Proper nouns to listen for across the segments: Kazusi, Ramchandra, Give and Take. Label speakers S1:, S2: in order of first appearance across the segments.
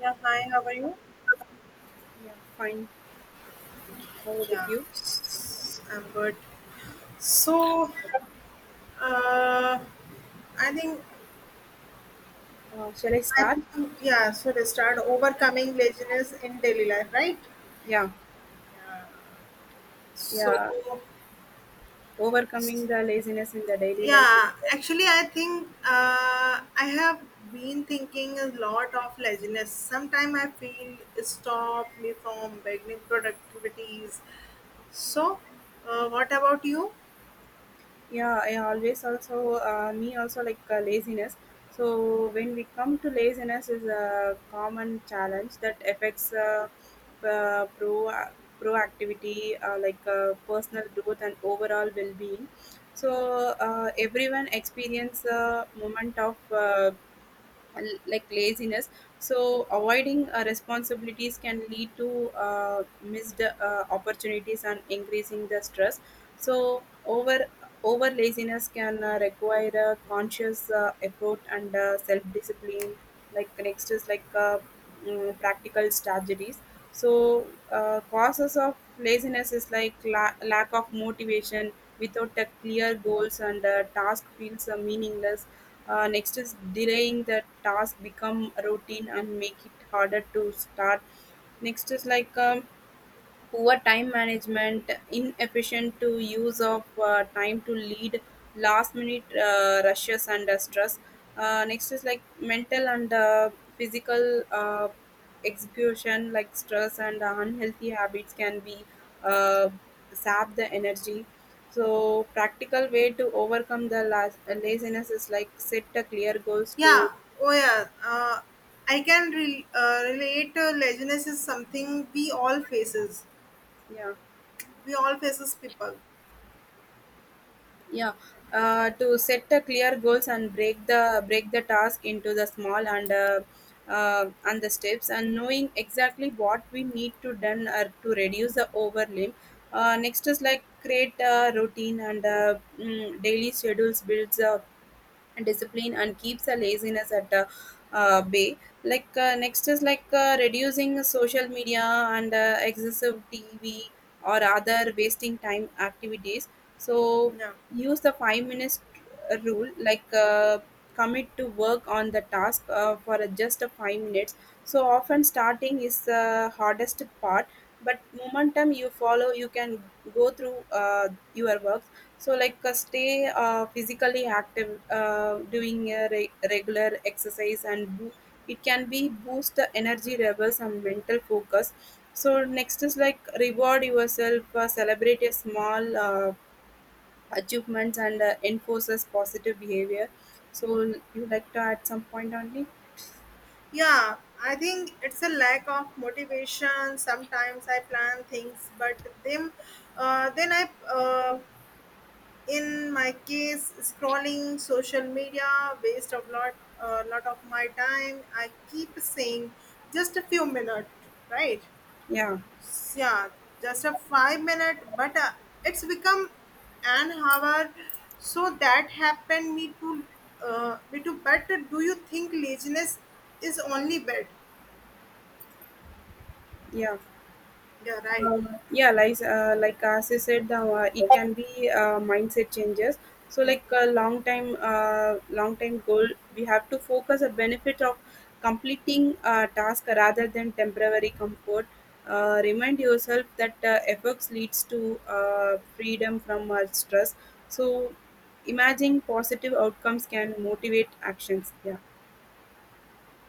S1: Yeah, hi, how are you?
S2: Yeah, fine. How about
S1: Yeah,
S2: you?
S1: I'm good. So, uh, I think,
S2: Shall I
S1: I
S2: start?
S1: think, yeah, so to start, overcoming laziness in daily life, right?
S2: Yeah,
S1: So,
S2: yeah. Overcoming the laziness in the daily life.
S1: yeah, actually, I think I have been thinking a lot of laziness. Sometimes I feel it stop me from beginning productivities. So, what about you?
S2: Yeah, I always also me also like laziness. So when we come to laziness is a common challenge that affects uh, pro proactivity, like personal growth and overall well-being. So everyone experience a moment of like laziness, so avoiding responsibilities can lead to missed opportunities and increasing the stress. So over laziness can require a conscious effort and self discipline. Like next is like practical strategies. So causes of laziness is like lack of motivation, without a clear goals and task feels meaningless. Next is delaying the task become routine and make it harder to start. Next is like poor time management, inefficient to use of time to lead last minute rushes and stress. Next is like mental and physical execution, like stress and unhealthy habits can be uh, sap the energy. So practical way to overcome the laziness is like set a clear goals to.
S1: Yeah, oh yeah. I can relate to laziness is something we all faces.
S2: Yeah,
S1: We all faces people.
S2: yeah. To set a clear goals and break the task into the small and the steps, and knowing exactly what we need to done or to reduce the overwhelm. Next is like create a routine, and daily schedules builds a and discipline and keeps the laziness at the bay. Like next is like reducing social media and excessive tv or other wasting time activities. So
S1: Yeah.
S2: use the 5 minutes rule, like commit to work on the task for just a 5 minutes. So often starting is the hardest part, but momentum you follow you can go through your work. So, like, stay physically active, doing a regular exercise, and it can be boost the energy levels and mental focus. So, next is like reward yourself, celebrate a small achievements, and enforces positive behavior. So, you like to add some point only?
S1: Yeah, I think it's a lack of motivation. Sometimes I plan things, but then, I, in my case, scrolling social media, waste of lot of my time. I keep saying just a few minutes, right?
S2: Yeah,
S1: Yeah, just a 5 minute, but it's become an hour. So that happened me to but do you think laziness is only bad?
S2: yeah.
S1: Yeah, right.
S2: Yeah, like as you said, it can be mindset changes. So,
S1: Yeah,
S2: like a long time goal, we have to focus a benefit of completing a task rather than temporary comfort. Remind yourself that efforts leads to freedom from stress. So, imagining positive outcomes can motivate actions. Yeah,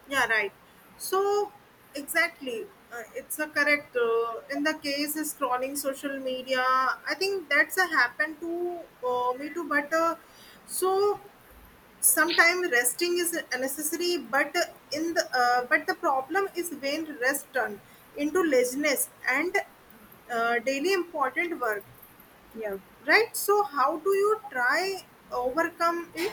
S1: yeah, right. So exactly, it's a correct, in the case is scrolling social media. I think that's a happened to, me too, but so sometimes resting is necessary, but in the but the problem is when rest turn into laziness and daily important work,
S2: yeah.
S1: right? So how do you try overcome it?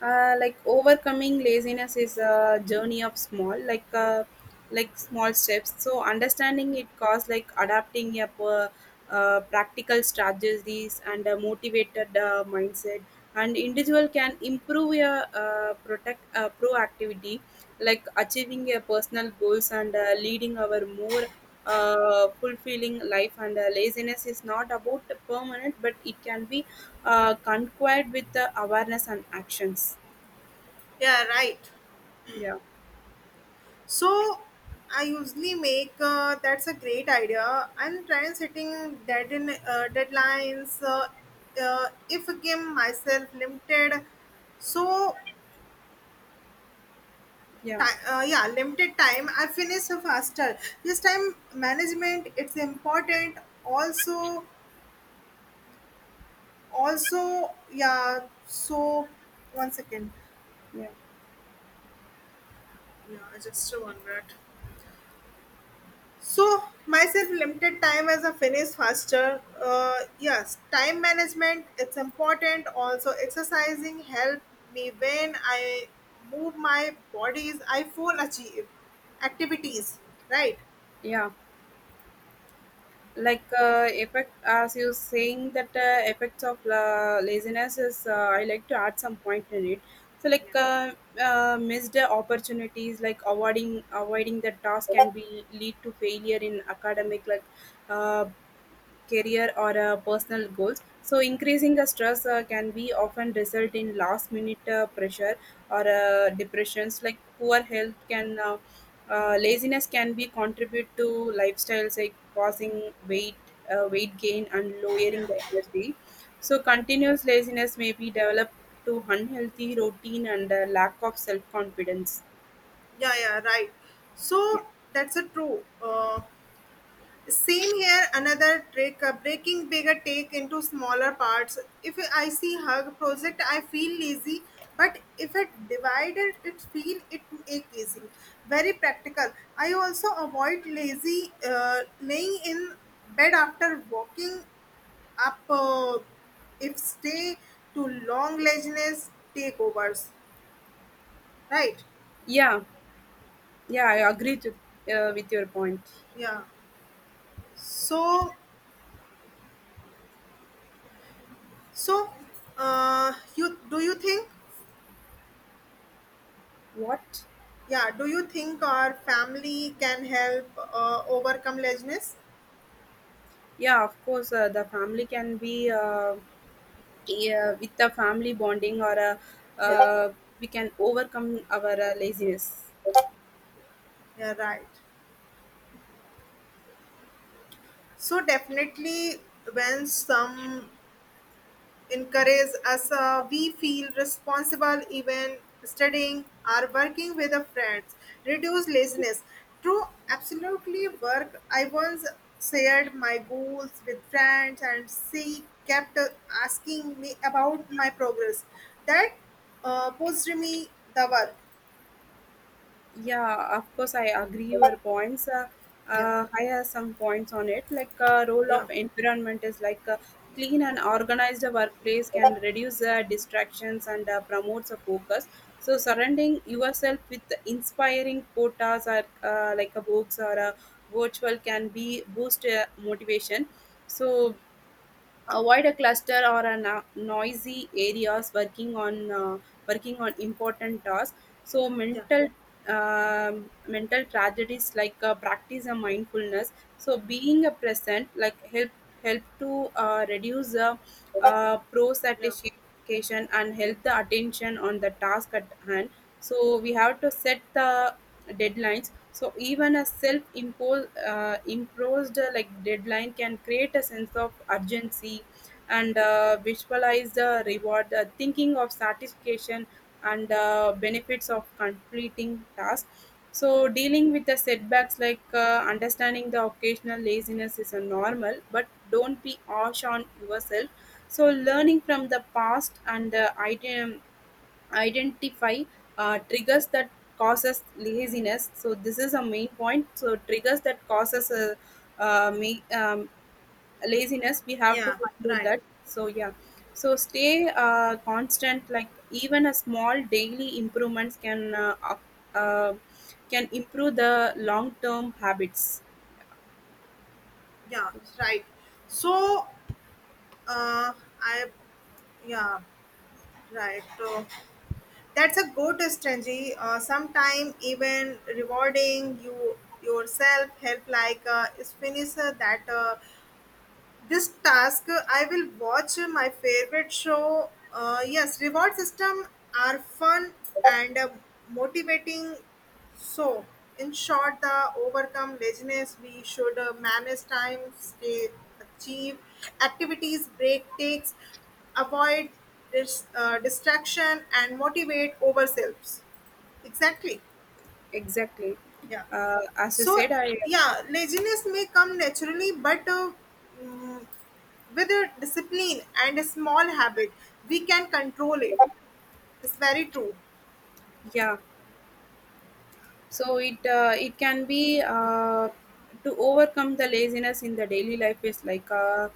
S2: Like overcoming laziness is a journey of small like small steps, so understanding it cause like adapting a practical strategies and a motivated mindset, and individual can improve your protect proactivity, like achieving your personal goals and leading our more fulfilling life. And laziness is not about permanent, but it can be conquered with awareness and actions.
S1: Yeah, right.
S2: yeah
S1: So I usually make, that's a great idea. I'm trying setting deadlines. If I give myself limited, so
S2: yeah
S1: time, yeah, limited time. I finish faster. This time management, it's important. Also, yeah. So, 1 second.
S2: yeah
S1: Yeah, I just 1 minute. So, myself limited time as a finish faster. Yes, time management, it's important. Also, exercising help me when I move my bodies. I full achieve activities, right?
S2: yeah like effect as you saying that effects of laziness is I like to add some point in it. So like
S1: Yeah.
S2: missed opportunities like avoiding the task can be lead to failure in academic, like uh, career or personal goals. So increasing the stress can be often result in last minute pressure or depressions, like poor health can laziness can be contribute to lifestyles, like causing weight weight gain and
S1: Yeah,
S2: lowering the energy. So continuous laziness may be developed to unhealthy routine and lack of self confidence.
S1: yeah, yeah, right. So that's a true, same here. Another trick, breaking bigger take into smaller parts. If I see hug project, I feel lazy, but if I divide it feel it make easy. Very practical. I also avoid lazy, laying in bed after walking up. If stay too long, laziness take overs, right?
S2: Yeah, yeah, I agree to, with your point.
S1: Yeah. So, So, you do you think?
S2: What?
S1: Yeah, do you think our family can help overcome laziness?
S2: Yeah of course The family can be yeah, with the family bonding or
S1: Yeah,
S2: uh, we can overcome our laziness.
S1: yeah, right. So definitely, when some encourage us, we feel responsible, even studying or working with our friends reduce laziness. True, absolutely work. I once shared my goals with friends and she kept asking me about my progress, that pushed me the work.
S2: Yeah, of course, I agree your points.
S1: Yeah,
S2: I have some points on it. Like role
S1: yeah,
S2: of environment is like clean and organized workplace can reduce distractions and promotes a focus. So surrounding yourself with inspiring quotas or like a books or a virtual can be boost motivation. So avoid a cluster or a noisy areas working on important tasks. So
S1: yeah,
S2: mental tragedies, like practice a mindfulness. So being a present like help to reduce the pro
S1: yeah,
S2: satisfaction and help the attention on the task at hand. So we have to set the deadlines. So even a self-imposed imposed like deadline can create a sense of urgency, and visualize the reward, thinking of satisfaction and benefits of completing tasks. So dealing with the setbacks, like understanding the occasional laziness is a normal, but don't be harsh on yourself. So learning from the past, and item identify triggers that causes laziness. So this is a main point, so triggers that causes uh, ma- um, laziness we have to
S1: yeah,
S2: find out
S1: right.
S2: that. So yeah, so stay constant, like even a small daily improvements can uh, can improve the long term habits.
S1: Yeah, right. So uh, I yeah, right. So that's a good strategy. Sometimes even rewarding yourself help, like is finish that, this task, I will watch my favorite show. Yes, reward system are fun and motivating. So in short, the overcome laziness, we should manage time, stay achieve activities, break takes, avoid distraction, and motivate ourselves. Exactly.
S2: Exactly.
S1: Yeah.
S2: As you
S1: So,
S2: said, I.
S1: yeah, laziness may come naturally, but mm, with a discipline and a small habit, we can control it. It's very true.
S2: Yeah, so it can be to overcome the laziness in the daily life is uh,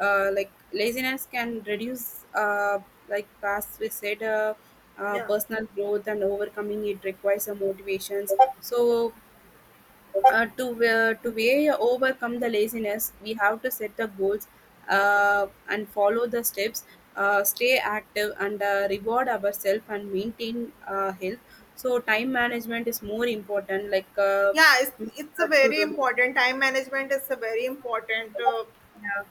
S2: uh, like laziness can reduce like as we said
S1: Yeah.
S2: personal growth, and overcoming it requires some motivations. So to way overcome the laziness, we have to set the goals and follow the steps. Stay active and reward ourselves and maintain health. So time management is more important. Like
S1: Yeah, it's a
S2: to
S1: very
S2: do.
S1: important. Time management is a very important.
S2: Yeah.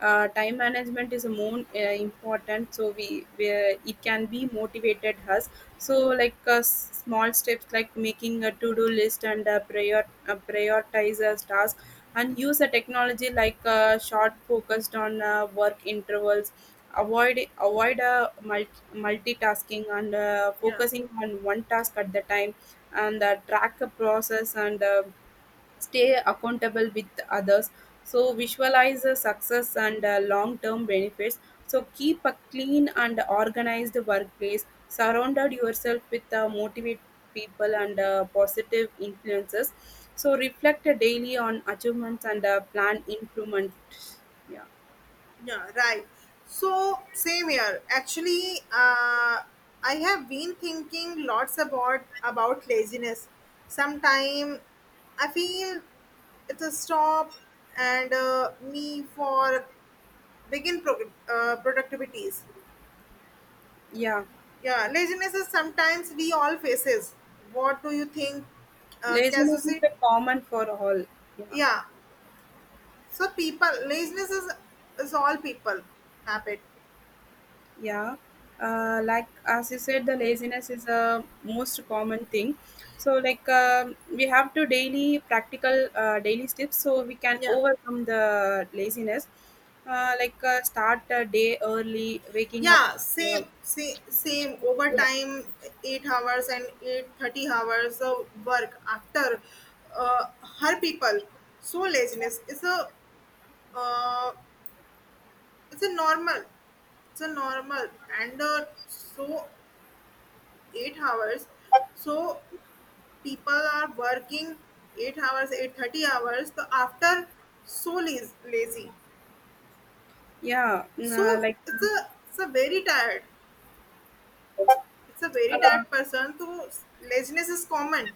S2: Time management is more important, so we it can be motivated us. So like small steps like making a to-do list, and a prioritizers task, and use a technology, like short focused on work intervals, multitasking and
S1: Yeah.
S2: focusing on one task at the time, and track a process and stay accountable with others. So visualize the success and long-term benefits. So keep a clean and organized workplace, surrounded yourself with motivate people and positive influences. So reflect daily on achievements and plan improvement. yeah
S1: Yeah, right. So same here. Actually, I have been thinking lots about laziness. Sometime I feel it's a stop and me for begin productivities.
S2: yeah
S1: Yeah, laziness is sometimes we all faces. What do you think,
S2: Laziness is
S1: Kazusi?
S2: a common for all. Yeah.
S1: Yeah. So people, laziness is all people habit.
S2: Yeah, like as you said, the laziness is a most common thing. So, like we have to daily practical daily steps, so we can
S1: Yeah.
S2: overcome the laziness. Like start a day early, waking up.
S1: Yeah,
S2: Uh,
S1: same
S2: Yeah.
S1: overtime 8 hours and 8:30 hours of work after uh, her people. So laziness is a, uh, it's a normal, it's a normal, and so 8 hours. So people are working 8 hours 8:30 hours. So after, so lazy,
S2: yeah, uh,
S1: so
S2: like
S1: it's a very tired, it's a very
S2: uh,
S1: tired person. So laziness is common.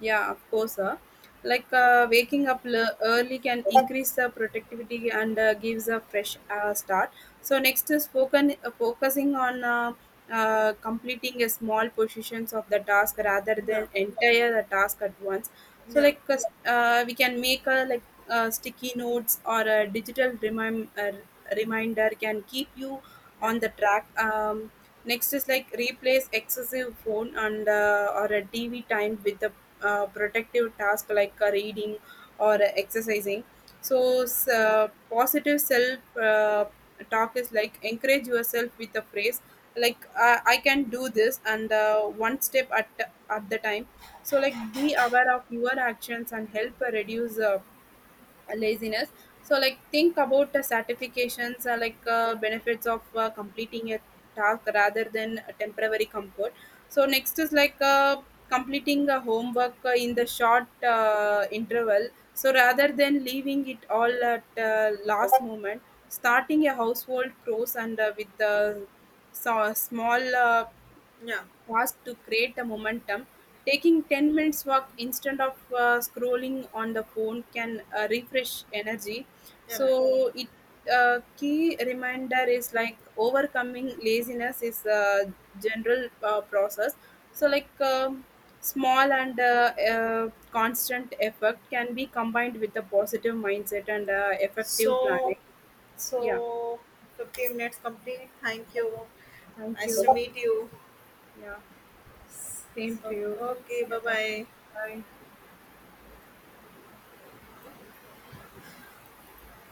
S2: Yeah, of course. Like waking up early can increase the productivity and gives a fresh start. So next is focusing on completing a small portions of the task rather than entire the task at once. So like we can make a like sticky notes or a digital reminder can keep you on the track. Next is like replace excessive phone and or a TV time with the protective task, like reading or exercising. So, positive self talk is like encourage yourself with a phrase, like I can do this and one step at the time. So, like be aware of your actions and help reduce laziness. So like think about the certifications, like benefits of completing a task rather than a temporary comfort. So next is like completing a homework in the short interval, so rather than leaving it all at last moment. Starting a household chores and with the, so small
S1: Yeah,
S2: was to create a momentum. Taking 10 minutes walk instead of scrolling on the phone can refresh energy.
S1: you're right.
S2: So it key reminder is like overcoming laziness is a general process. So like small and constant effort can be combined with a positive mindset and effective
S1: So,
S2: planning. Yeah.
S1: so 15 minutes complete. Thank you.
S2: Thank
S1: Nice
S2: you.
S1: to meet you.
S2: Yeah. Same
S1: So,
S2: to you.
S1: okay,
S2: Yeah.
S1: bye
S2: Thank
S1: bye.
S2: you. Bye.